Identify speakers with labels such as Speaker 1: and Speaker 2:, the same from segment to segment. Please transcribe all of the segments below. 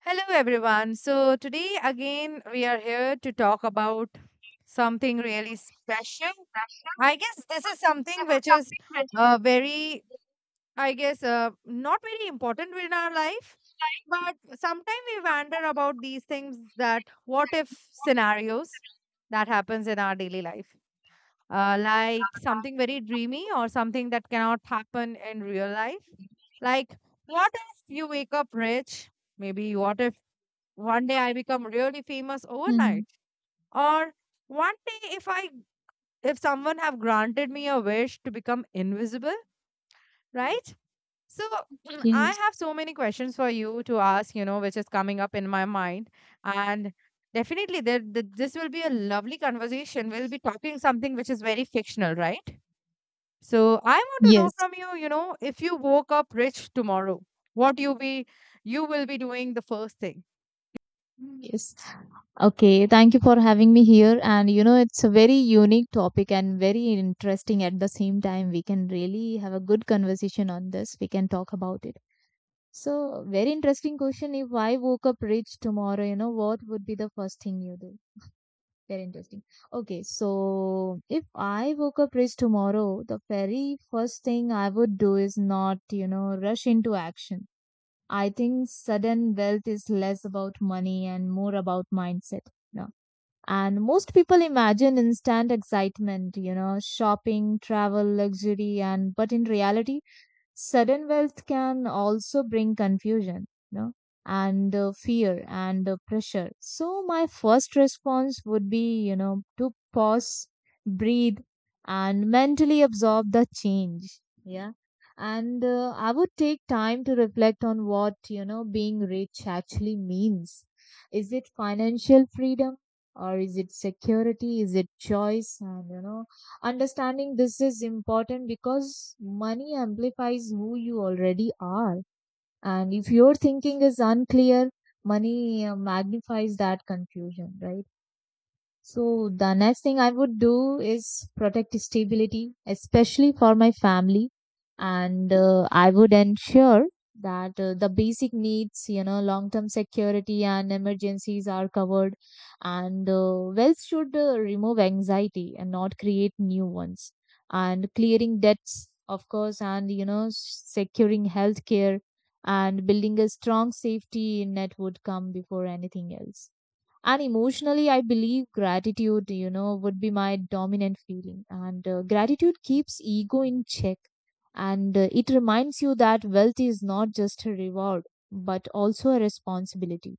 Speaker 1: Hello, everyone. So, today again, we are here to talk about something really special.
Speaker 2: Pressure,
Speaker 1: I guess this
Speaker 2: but
Speaker 1: is
Speaker 2: they
Speaker 1: something
Speaker 2: have
Speaker 1: which is
Speaker 2: something rigid
Speaker 1: very, I guess, not very important in our life,
Speaker 2: like
Speaker 1: but sometimes we wonder about these things that what if
Speaker 2: what you
Speaker 1: scenarios that happens in our daily life. Like something very dreamy or something that cannot happen in real life. Like, what if you wake up rich? Maybe what if one day I become really famous
Speaker 2: hmm.
Speaker 1: overnight? Or one day if I if someone have granted me a wish to become invisible, right? So I
Speaker 2: Yes.
Speaker 1: have so many questions for you to ask, you know, which is coming up in my mind. And definitely this will be a lovely conversation. We'll be talking something which is very fictional, right? So I want to know
Speaker 2: Yes.
Speaker 1: from you, you know, if you woke up rich tomorrow, what you be you will be doing the first thing.
Speaker 2: Yes. Okay. Thank you for having me here. And you know, it's a very unique topic and very interesting at the same time. We can really have a good conversation on this. We can talk about it. So, very interesting question. If I woke up rich tomorrow, you know, what would be the first thing you do? Very interesting. Okay, so if I woke up rich tomorrow, the very first thing I would do is not, you know, rush into action. I think sudden wealth is less about money and more about mindset. No. And most people imagine instant excitement, you know, shopping, travel, luxury, and but in reality, sudden wealth can also bring confusion, you know, and fear and pressure. So my first response would be, you know, to pause, breathe, and mentally absorb the change, yeah. And I would take time to reflect on what, you know, being rich actually means. Is it financial freedom, or is it security, is it choice? And you know, understanding this is important because money amplifies who you already are, and if your thinking is unclear, money magnifies that confusion, right? So the next thing I would do is protect stability, especially for my family, and I would ensure that the basic needs, you know, long-term security and emergencies are covered, and wealth should remove anxiety and not create new ones, and clearing debts, of course, and you know, securing healthcare and building a strong safety net would come before anything else. And emotionally, I believe gratitude, you know, would be my dominant feeling. And gratitude keeps ego in check. And it reminds you that wealth is not just a reward, but also a responsibility.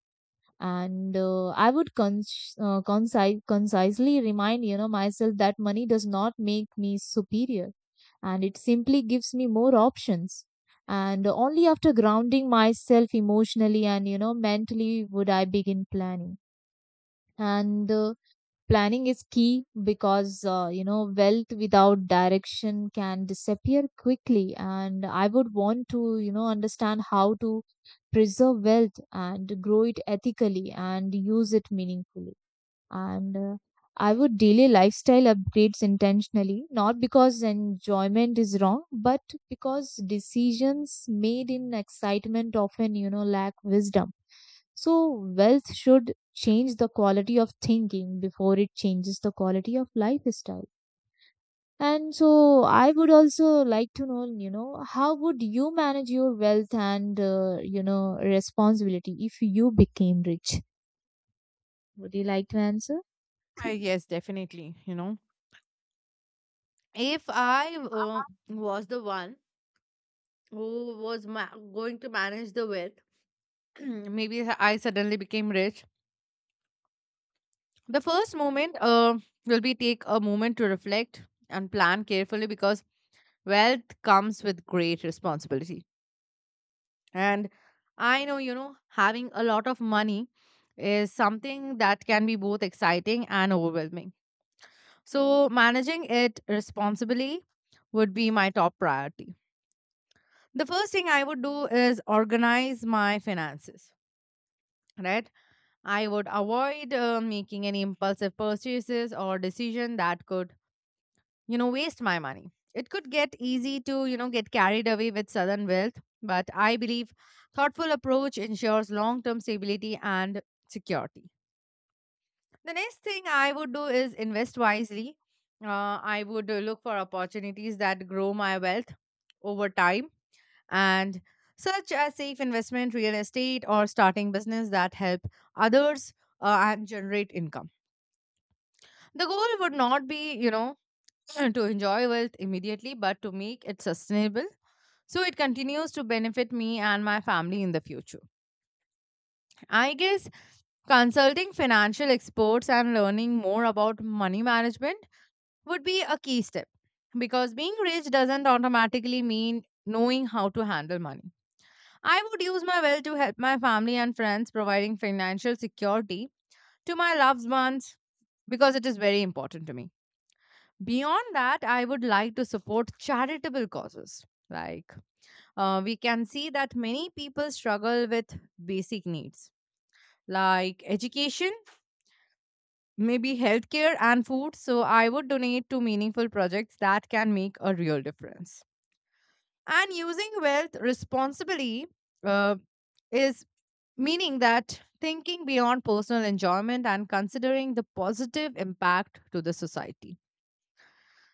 Speaker 2: And I would con conci- concisely remind, you know, myself that money does not make me superior. And it simply gives me more options. And only after grounding myself emotionally and, you know, mentally would I begin planning. And planning is key because, you know, wealth without direction can disappear quickly. And I would want to, you know, understand how to preserve wealth and grow it ethically and use it meaningfully. And I would delay lifestyle upgrades intentionally, not because enjoyment is wrong, but because decisions made in excitement often, you know, lack wisdom. So, wealth should change the quality of thinking before it changes the quality of lifestyle. And so, I would also like to know, you know, how would you manage your wealth and, you know, responsibility if you became rich? Would you like to answer?
Speaker 1: I yes, definitely, you know, if I was the one who was going to manage the wealth, maybe I suddenly became rich. The first moment will be take a moment to reflect and plan carefully because wealth comes with great responsibility. And I know, you know, having a lot of money is something that can be both exciting and overwhelming. So managing it responsibly would be my top priority. The first thing I would do is organize my finances, right? I would avoid making any impulsive purchases or decision that could, you know, waste my money. It could get easy to, you know, get carried away with sudden wealth, but I believe thoughtful approach ensures long-term stability and security. The next thing I would do is invest wisely. I would look for opportunities that grow my wealth over time, and such as safe investment, real estate, or starting business that help others and generate income. The goal would not be, you know, to enjoy wealth immediately, but to make it sustainable so it continues to benefit me and my family in the future. I guess consulting financial experts and learning more about money management would be a key step because being rich doesn't automatically mean knowing how to handle money. I would use my wealth to help my family and friends, providing financial security to my loved ones because it is very important to me. Beyond that, I would like to support charitable causes. Like, we can see that many people struggle with basic needs like education, maybe healthcare, and food. So, I would donate to meaningful projects that can make a real difference. And using wealth responsibly uh, is meaning that thinking beyond personal enjoyment and considering the positive impact to the society.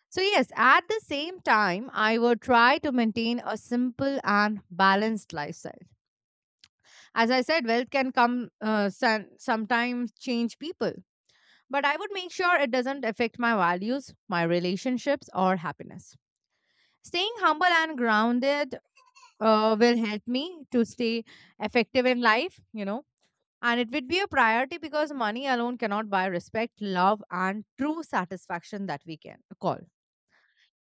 Speaker 1: So, yes, at the same time, I would try to maintain a simple and balanced lifestyle. As I said, wealth can come sometimes change people, but I would make sure it doesn't affect my values, my relationships, or happiness. Staying humble and grounded will help me to stay effective in life. And it would be a priority because money alone cannot buy respect, love, and true satisfaction that we can call. And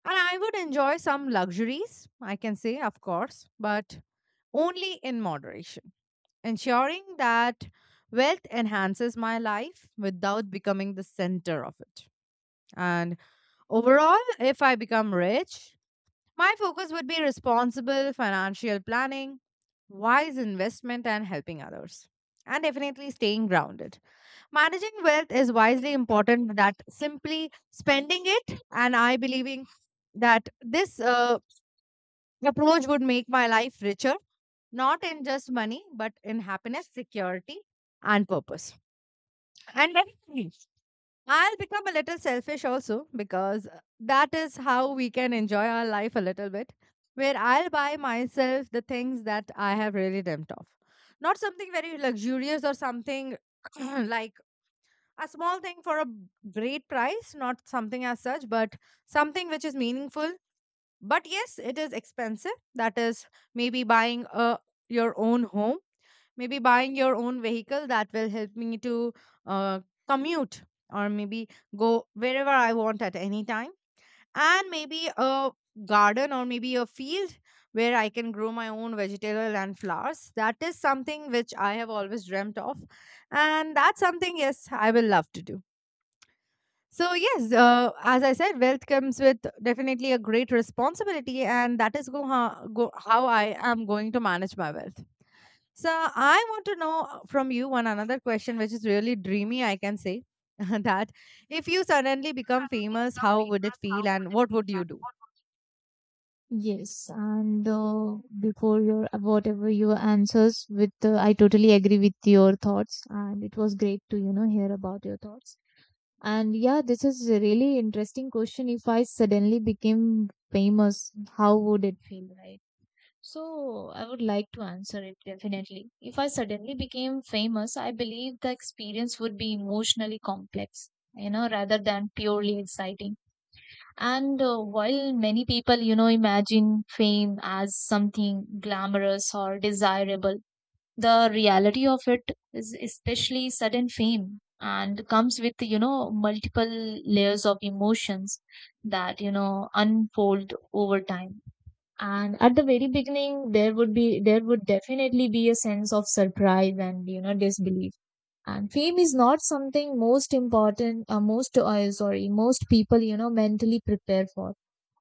Speaker 1: I would enjoy some luxuries, I can say, of course, but only in moderation, ensuring that wealth enhances my life without becoming the center of it. And overall, if I become rich, my focus would be responsible financial planning, wise investment, and helping others, and definitely staying grounded. Managing wealth is wisely important that simply spending it, and I believing that this approach would make my life richer, not in just money, but in happiness, security, and purpose. And definitely, I'll become a little selfish also because that is how we can enjoy our life a little bit, where I'll buy myself the things that I have really dreamt of. Not something very luxurious or something like a small thing for a great price, not something as such, but something which is meaningful. But yes, it is expensive. That is maybe buying a your own home, maybe buying your own vehicle that will help me to uh, commute or maybe go wherever I want at any time, and maybe a garden or maybe a field where I can grow my own vegetable and flowers. That is something which I have always dreamt of, and that's something yes I will love to do. So, yes, as I said, wealth comes with definitely a great responsibility, and that is go how I am going to manage my wealth. So, I want to know from you one another question, which is really dreamy, I can say, that if you suddenly become
Speaker 2: Suddenly
Speaker 1: famous,
Speaker 2: become
Speaker 1: how would it
Speaker 2: famous,
Speaker 1: feel
Speaker 2: how would
Speaker 1: and
Speaker 2: it
Speaker 1: what
Speaker 2: be
Speaker 1: would you
Speaker 2: done?
Speaker 1: do?
Speaker 2: What would you— yes, and before your whatever your answers with, I totally agree with your thoughts, and it was great to, you know, hear about your thoughts. And yeah, this is a really interesting question. If I suddenly became famous, how would it feel, right? So I would like to answer it definitely. If I suddenly became famous, I believe the experience would be emotionally complex, you know, rather than purely exciting. And while many people, you know, imagine fame as something glamorous or desirable, the reality of it is, especially sudden fame, and comes with, you know, multiple layers of emotions that, you know, unfold over time. And at the very beginning, there would definitely be a sense of surprise and, you know, disbelief. And fame is not something most important, sorry, most people, you know, mentally prepare for.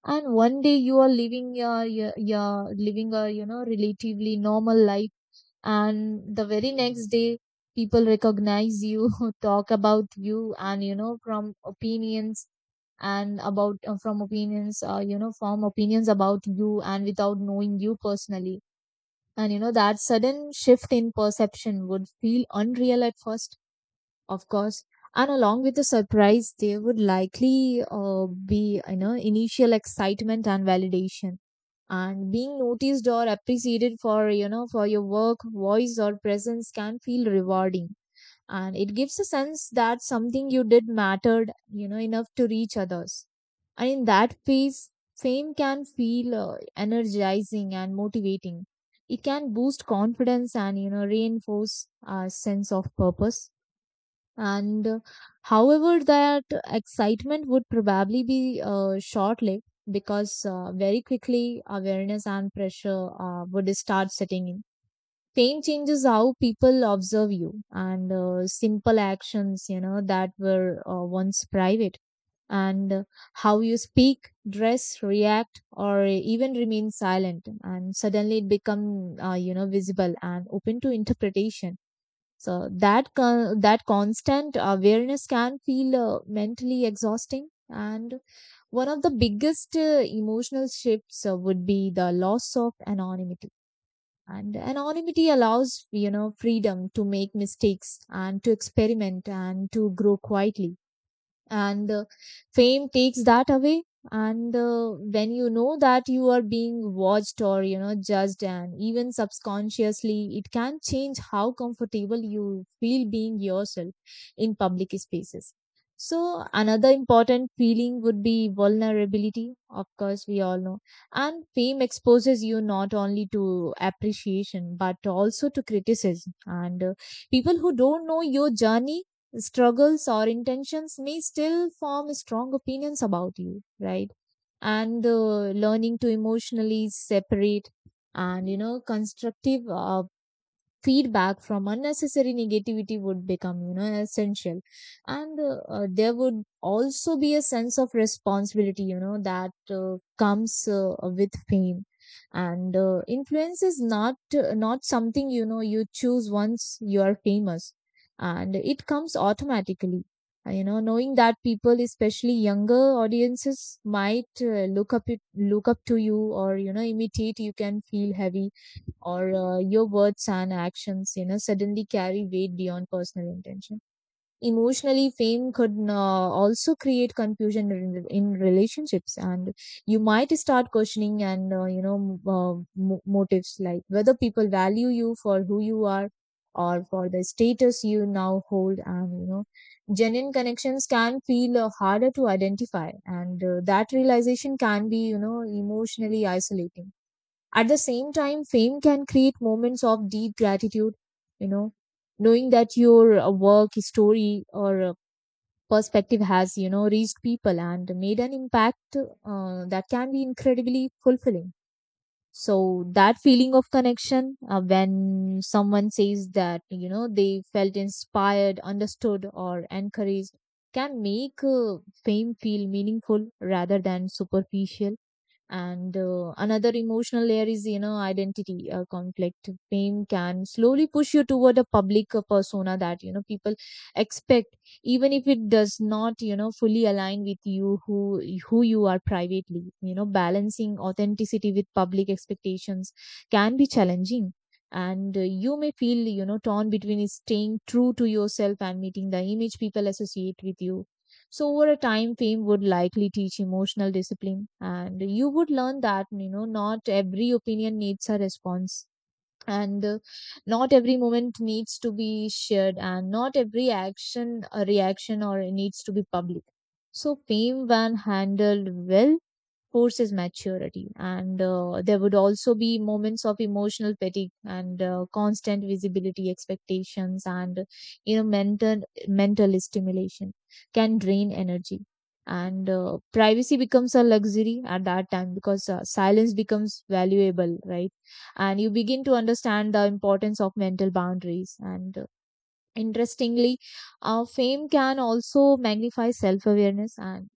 Speaker 2: And one day you are living your, your, your living a, you know, relatively normal life, and the very next day people recognize you, talk about you, and you know, from opinions, and about from opinions you know, form opinions about you and without knowing you personally. And you know that sudden shift in perception would feel unreal at first, of course. And along with the surprise, there would likely be, you know, initial excitement and validation. And being noticed or appreciated for, you know, for your work, voice, or presence can feel rewarding. And it gives a sense that something you did mattered, you know, enough to reach others. And in that phase, fame can feel energizing and motivating. It can boost confidence and, you know, reinforce a sense of purpose. And however, that excitement would probably be short-lived, because very quickly awareness and pressure would start setting in. Fame changes how people observe you, and simple actions, you know, that were once private, and how you speak, dress, react, or even remain silent, and suddenly it become you know, visible and open to interpretation. So that constant awareness can feel mentally exhausting. And one of the biggest emotional shifts would be the loss of anonymity. And anonymity allows, you know, freedom to make mistakes and to experiment and to grow quietly. And fame takes that away. And when you know that you are being watched or, you know, judged, and even subconsciously, it can change how comfortable you feel being yourself in public spaces. So another important feeling would be vulnerability, of course, we all know. And fame exposes you not only to appreciation but also to criticism. And people who don't know your journey, struggles, or intentions may still form strong opinions about you, right? And learning to emotionally separate, and you know, constructive feedback from unnecessary negativity would become, you know, essential. And there would also be a sense of responsibility, you know, that comes with fame. And influence is not not something, you know, you choose. Once you are famous, and it comes automatically. You know, knowing that people, especially younger audiences, might look up to you or, you know, imitate you can feel heavy. Or your words and actions, you know, suddenly carry weight beyond personal intention. Emotionally, fame could also create confusion in relationships. And you might start questioning, and motives, like whether people value you for who you are or for the status you now hold. And you know, genuine connections can feel harder to identify. And that realization can be, you know, emotionally isolating. At the same time, fame can create moments of deep gratitude, you know, knowing that your work, story, or perspective has, you know, reached people and made an impact, that can be incredibly fulfilling. So that feeling of connection, when someone says that, you know, they felt inspired, understood, or encouraged, can make fame feel meaningful rather than superficial. And another emotional layer is, you know, identity conflict. Fame can slowly push you toward a public persona that, you know, people expect, even if it does not, you know, fully align with you who you are privately. You know, balancing authenticity with public expectations can be challenging. And you may feel, you know, torn between staying true to yourself and meeting the image people associate with you. So over a time, fame would likely teach emotional discipline, and you would learn that, you know, not every opinion needs a response, and not every moment needs to be shared, and not every action, a reaction, or needs to be public. So fame, when handled well, forces maturity. And there would also be moments of emotional fatigue. And constant visibility, expectations, and you know, mental stimulation can drain energy. And privacy becomes a luxury at that time, because silence becomes valuable, right? And you begin to understand the importance of mental boundaries and interestingly, fame can also magnify self awareness, and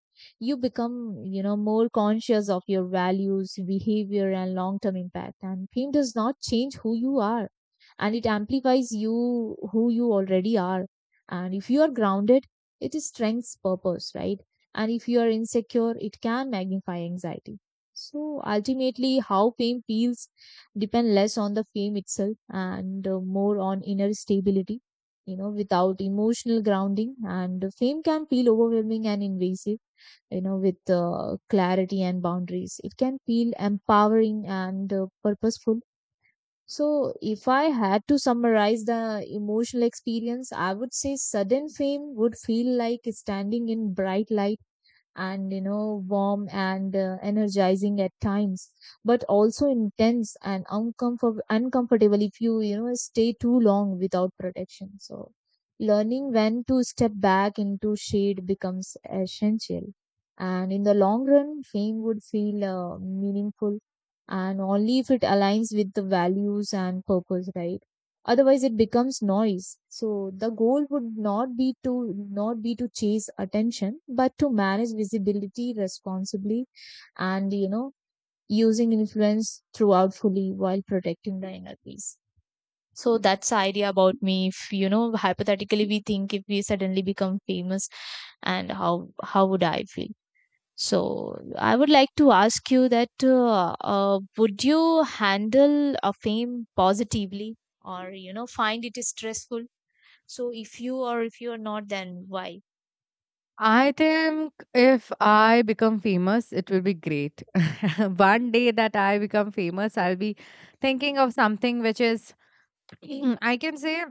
Speaker 2: you become, more conscious of your values, behavior, and long term impact. And fame does not change who you are, and it amplifies you who you already are. And if you are grounded, it is strength's purpose, right? And if you are insecure, it can magnify anxiety. So ultimately, how fame feels depend less on the fame itself and more on inner stability. You know, without emotional grounding, and fame can feel overwhelming and invasive. You know, with clarity and boundaries, it can feel empowering and purposeful. So, if I had to summarize the emotional experience, I would say sudden fame would feel like standing in bright light, and warm and energizing at times, but also intense and uncomfortable if you you know stay too long without protection. So learning when to step back into shade becomes essential. And in the long run, fame would feel meaningful, and only if it aligns with the values and purpose, right? Otherwise, it becomes noise. So the goal would not be to chase attention, but to manage visibility responsibly. And using influence throughout fully while protecting the inner peace. So that's the idea about me if, hypothetically, we think if we suddenly become famous, and how would I feel. So I would like to ask you that, would you handle a fame positively, or find it stressful? So if you, or if you are not, then why?
Speaker 1: I think if I become famous, it will be great. One day that I become famous, I'll be thinking of something which is I can say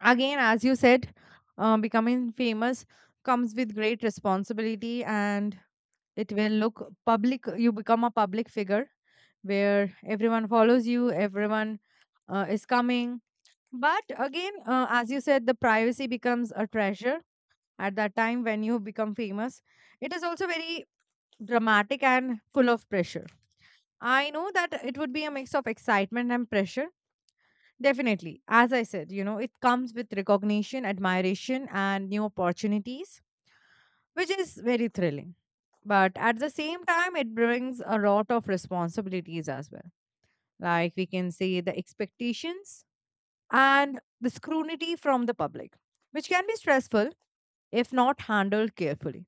Speaker 1: again, as you said, becoming famous comes with great responsibility, and it will look public. You become a public figure where everyone follows you, everyone is coming. But again, as you said, the privacy becomes a treasure at that time when you become famous. It is also very dramatic and full of pressure. I know that it would be a mix of excitement and pressure. Definitely. As I said, you know, it comes with recognition, admiration, and new opportunities, which is very thrilling. But at the same time, it brings a lot of responsibilities as well. Like we can say the expectations and the scrutiny from the public, which can be stressful if not handled carefully.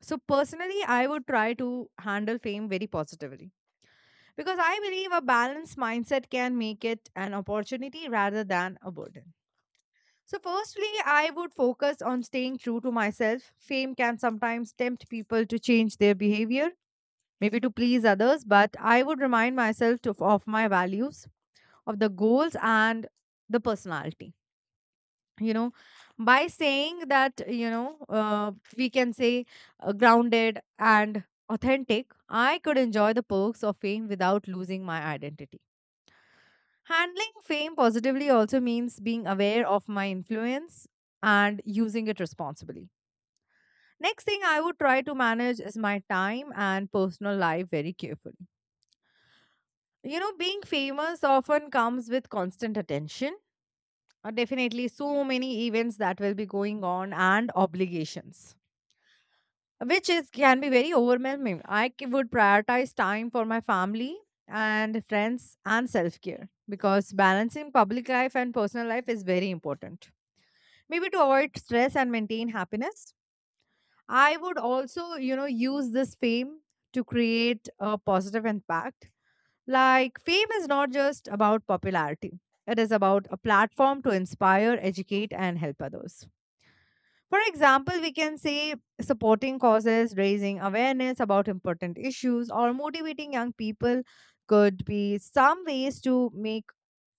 Speaker 1: So, personally, I would try to handle fame very positively because I believe a balanced mindset can make it an opportunity rather than a burden. So, firstly, I would focus on staying true to myself. Fame can sometimes tempt people to change their behavior, maybe to please others, but I would remind myself to, of my values, of the goals, and the personality. You know, by saying that, you know, we can say grounded and authentic, I could enjoy the perks of fame without losing my identity. Handling fame positively also means being aware of my influence and using it responsibly. Next thing I would try to manage is my time and personal life very carefully. You know, being famous often comes with constant attention. Definitely, so many events that will be going on and obligations, which is can be very overwhelming. I would prioritize time for my family and friends and self care because balancing public life and personal life is very important. Maybe to avoid stress and maintain happiness. I would also, you know, use this fame to create a positive impact. Like, fame is not just about popularity, it is about a platform to inspire, educate, and help others. For example, we can say supporting causes, raising awareness about important issues, or motivating young people could be some ways to make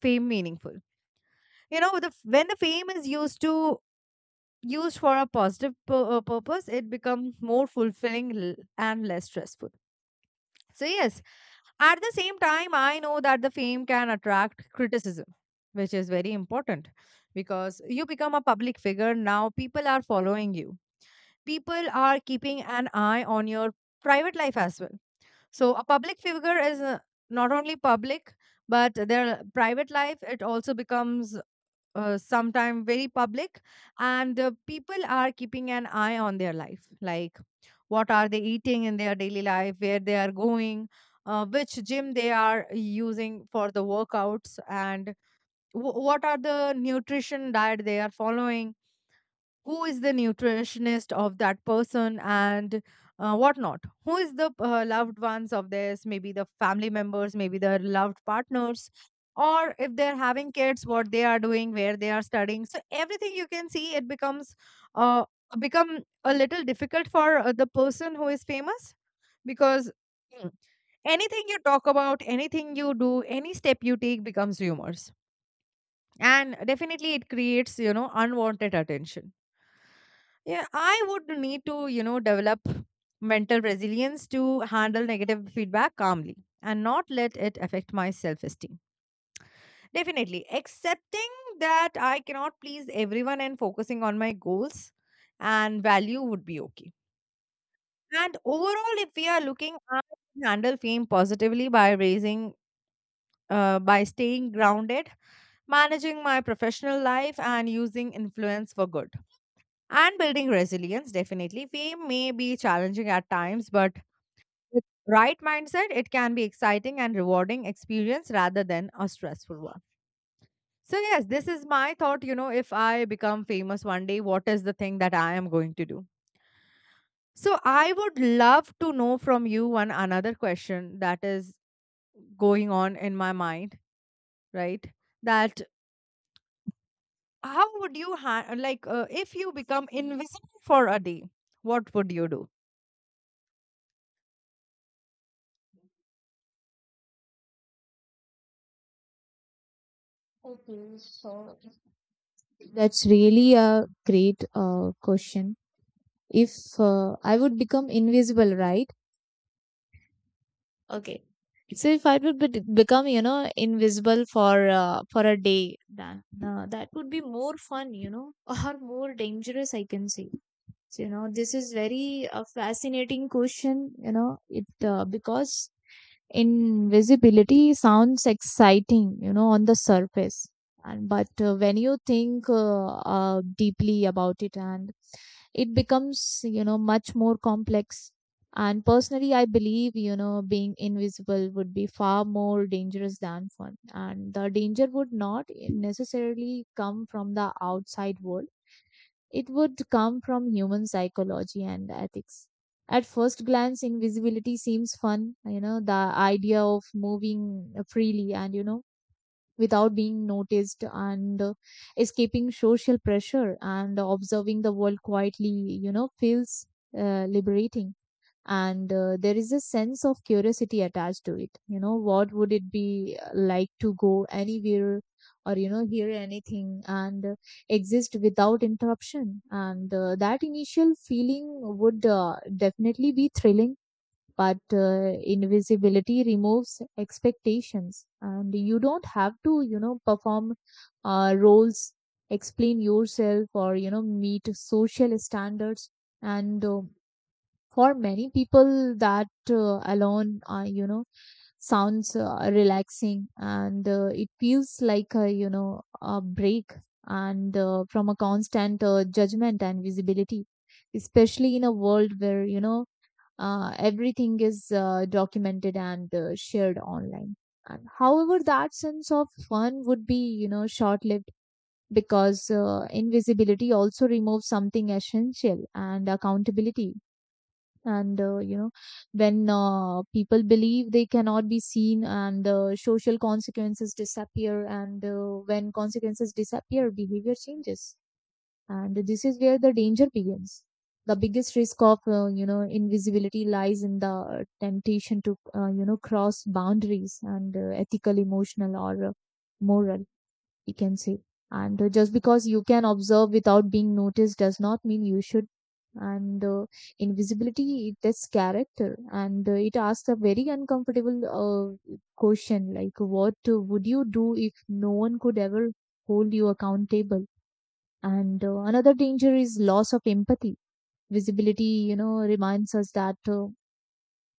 Speaker 1: fame meaningful. You know, the when the fame is used to used for a positive purpose, it becomes more fulfilling and less stressful. So, yes, at the same time, I know that the fame can attract criticism, which is very important because you become a public figure. Now, people are following you, people are keeping an eye on your private life as well. So, a public figure is not only public, but their private life, it also becomes sometime very public, and people are keeping an eye on their life, like what are they eating in their daily life, where they are going, which gym they are using for the workouts, and what are the nutrition diet they are following, who is the nutritionist of that person, and whatnot, who is the loved ones of theirs, maybe the family members, maybe their loved partners, or if they're having kids, what they are doing, where they are studying. So everything you can see it becomes uh, become a little difficult for the person who is famous, because mm, anything you talk about, anything you do, any step you take becomes rumors, and definitely it creates, you know, unwanted attention. Yeah, I would need to, you know, develop mental resilience to handle negative feedback calmly and not let it affect my self esteem. Definitely, accepting that I cannot please everyone and focusing on my goals and value would be okay. And overall, if we are looking at handle fame positively by staying grounded, managing my professional life, and using influence for good, and building resilience. Definitely fame may be challenging at times, but with right mindset it can be exciting and rewarding experience rather than a stressful one. So yes, this is my thought, you know, if I become famous one day, what is the thing that I am going to do. So I would love to know from you one another question that is going on in my mind, right? That how would like if you become invisible for a day, what would you do?
Speaker 2: Okay, so that's really a great question. If I would become invisible, right? Okay. So if I would become, invisible for a day, then that would be more fun, or more dangerous, I can say. So, this is very fascinating question, it because invisibility sounds exciting, on the surface. And but when you think, deeply about it, and it becomes, much more complex. And personally, I believe, being invisible would be far more dangerous than fun. And the danger would not necessarily come from the outside world. It would come from human psychology and ethics. At first glance, invisibility seems fun, the idea of moving freely, and, without being noticed, and escaping social pressure and observing the world quietly, feels liberating. And there is a sense of curiosity attached to it. You know, what would it be like to go anywhere, or, hear anything, and exist without interruption. And that initial feeling would definitely be thrilling. But invisibility removes expectations, and you don't have to, perform roles, explain yourself, or, meet social standards. And for many people, that alone, sounds relaxing. And it feels like a, a break, and from a constant judgment and visibility, especially in a world where, everything is documented and shared online. And however, that sense of fun would be, short-lived, because invisibility also removes something essential, and accountability. And when people believe they cannot be seen, and social consequences disappear. And when consequences disappear, behavior changes. And this is where the danger begins. The biggest risk of, invisibility lies in the temptation to, cross boundaries, and ethical, emotional, or moral, we can say. And just because you can observe without being noticed does not mean you should. And invisibility, it tests character. And it asks a very uncomfortable question, like what would you do if no one could ever hold you accountable. And another danger is loss of empathy. Visibility, reminds us that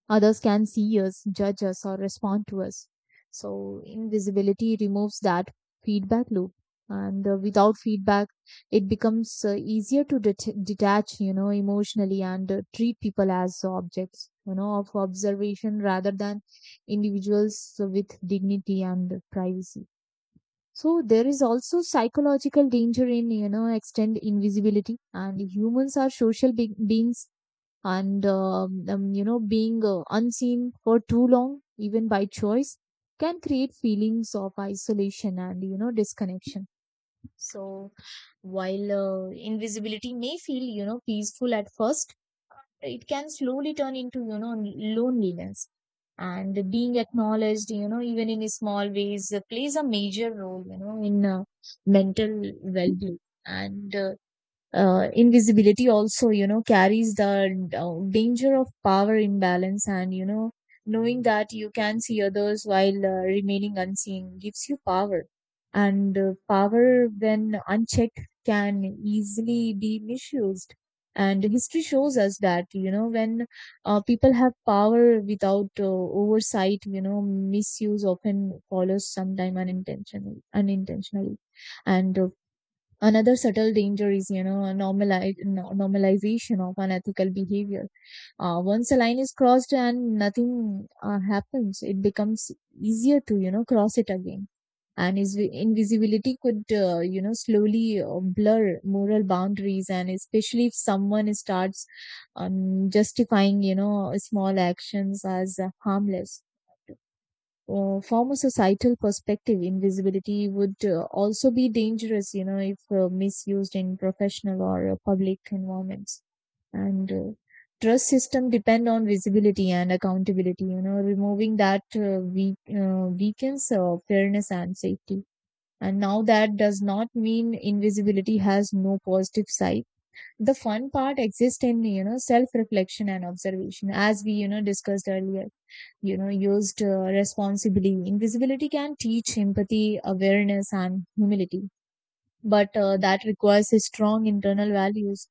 Speaker 2: others can see us, judge us, or respond to us. So, invisibility removes that feedback loop. And without feedback, it becomes easier to detach, emotionally, and treat people as objects, of observation rather than individuals with dignity and privacy. So there is also psychological danger in, extend invisibility. And humans are social beings, and being unseen for too long, even by choice, can create feelings of isolation and, disconnection. So while invisibility may feel, peaceful at first, it can slowly turn into, loneliness. And being acknowledged, even in small ways, plays a major role, in mental well-being. And invisibility also, carries the danger of power imbalance. And, knowing that you can see others while remaining unseen gives you power. And power, when unchecked, can easily be misused. And history shows us that, when people have power without oversight, misuse often follows, sometime unintentionally. And another subtle danger is, a normalization of unethical behavior. Once a line is crossed and nothing happens, it becomes easier to, cross it again. And is invisibility could, slowly blur moral boundaries, and especially if someone starts justifying, small actions as harmless. From a societal perspective, invisibility would also be dangerous, if misused in professional or public environments. And trust system depend on visibility and accountability. Removing that weakens fairness and safety. And now that does not mean invisibility has no positive side. The fun part exists in, self reflection and observation, as we, discussed earlier. You know, used responsibly, invisibility can teach empathy, awareness, and humility. But that requires a strong internal values.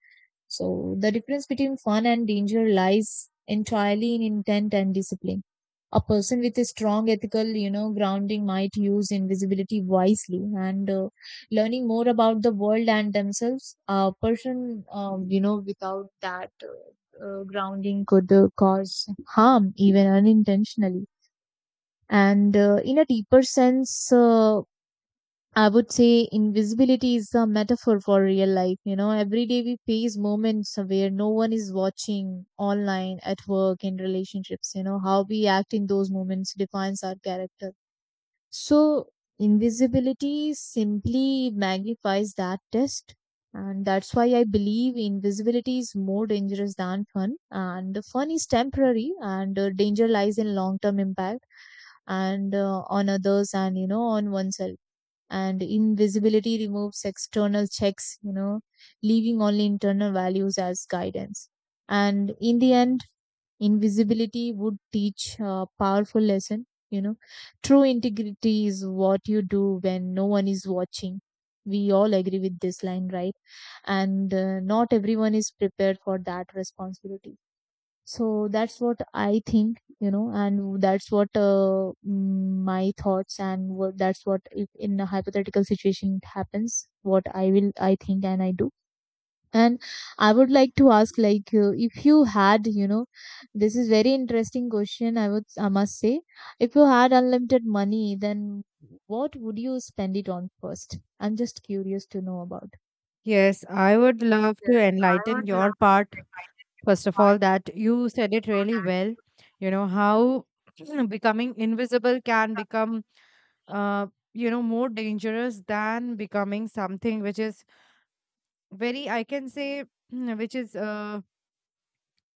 Speaker 2: So the difference between fun and danger lies entirely in intent and discipline. A person with a strong ethical, grounding might use invisibility wisely, and learning more about the world and themselves. A person, without that grounding could cause harm, even unintentionally. And in a deeper sense, I would say invisibility is a metaphor for real life. You know, every day we face moments where no one is watching: online, at work, in relationships. You know, how we act in those moments defines our character. So invisibility simply magnifies that test. And that's why I believe invisibility is more dangerous than fun. And the fun is temporary, and danger lies in long term impact, and on others, and, on oneself. And invisibility removes external checks, leaving only internal values as guidance. And in the end, invisibility would teach a powerful lesson. You know, true integrity is what you do when no one is watching. We all agree with this line, right? And not everyone is prepared for that responsibility. So that's what I think, and that's what my thoughts, and what, that's what if in a hypothetical situation it happens, what I will, I think and I do. And I would like to ask, like if you had, this is very interesting question, I would, I must say, if you had unlimited money, then what would you spend it on first? I'm just curious to know about.
Speaker 1: Yes, I would love
Speaker 2: Yes,
Speaker 1: to
Speaker 2: I
Speaker 1: enlighten
Speaker 2: would
Speaker 1: your
Speaker 2: love.
Speaker 1: part. First of all, that you said it really well. You know, how becoming invisible can become, uh, you know, more dangerous than becoming something which is very, I can say, which is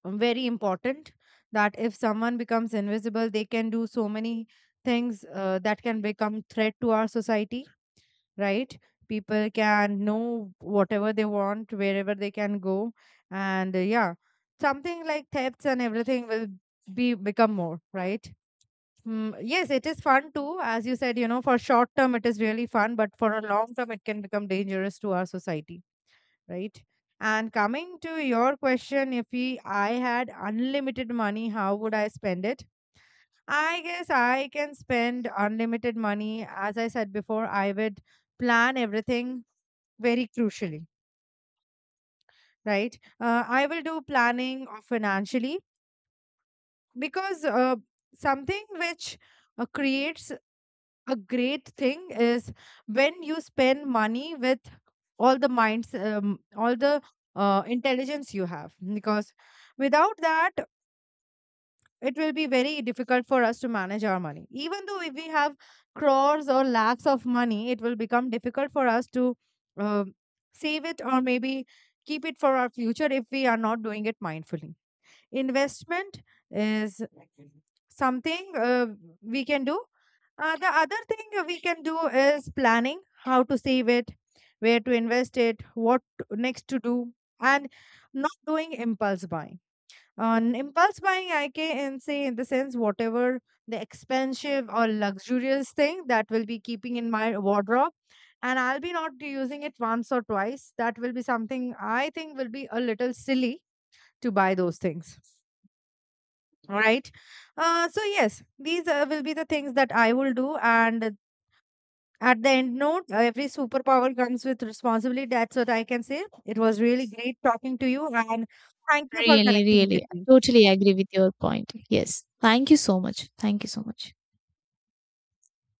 Speaker 1: very important. That if someone becomes invisible, they can do so many things that can become threat to our society, right? People can know whatever they want, wherever they can go. And yeah, something like thefts and everything will be become more, right? Mm, yes, it is fun too. As you said, you know, for short term, it is really fun, but for a long term, it can become dangerous to our society, right? And coming to your question, if I had unlimited money, how would I spend it? I guess I can spend unlimited money. As I said before, I would plan everything very crucially, right? I will do planning of financially because something which creates a great thing is when you spend money with all the minds, all the intelligence you have. Because without that, it will be very difficult for us to manage our money. Even though if we have crores or lakhs of money, it will become difficult for us to um save it or maybe keep it for our future if we are not doing it mindfully. Investment is something we can do. The other thing that we can do is planning how to save it, where to invest it, next to do, and not doing impulse buying. On impulse buying, I can say in the sense whatever the expensive or luxurious thing that will be keeping in my wardrobe, and I'll be not using it once or twice. That will be something I think will be a little silly to buy those things. All right. So yes, these will be the things that I will do. And at the end note, every superpower comes with responsibility. That's what I can say. It was really great talking to you, and thank you for
Speaker 2: Really,
Speaker 1: connecting with
Speaker 2: really.
Speaker 1: me.
Speaker 2: I totally agree with your point. Yes. Thank you so much. Thank you so much.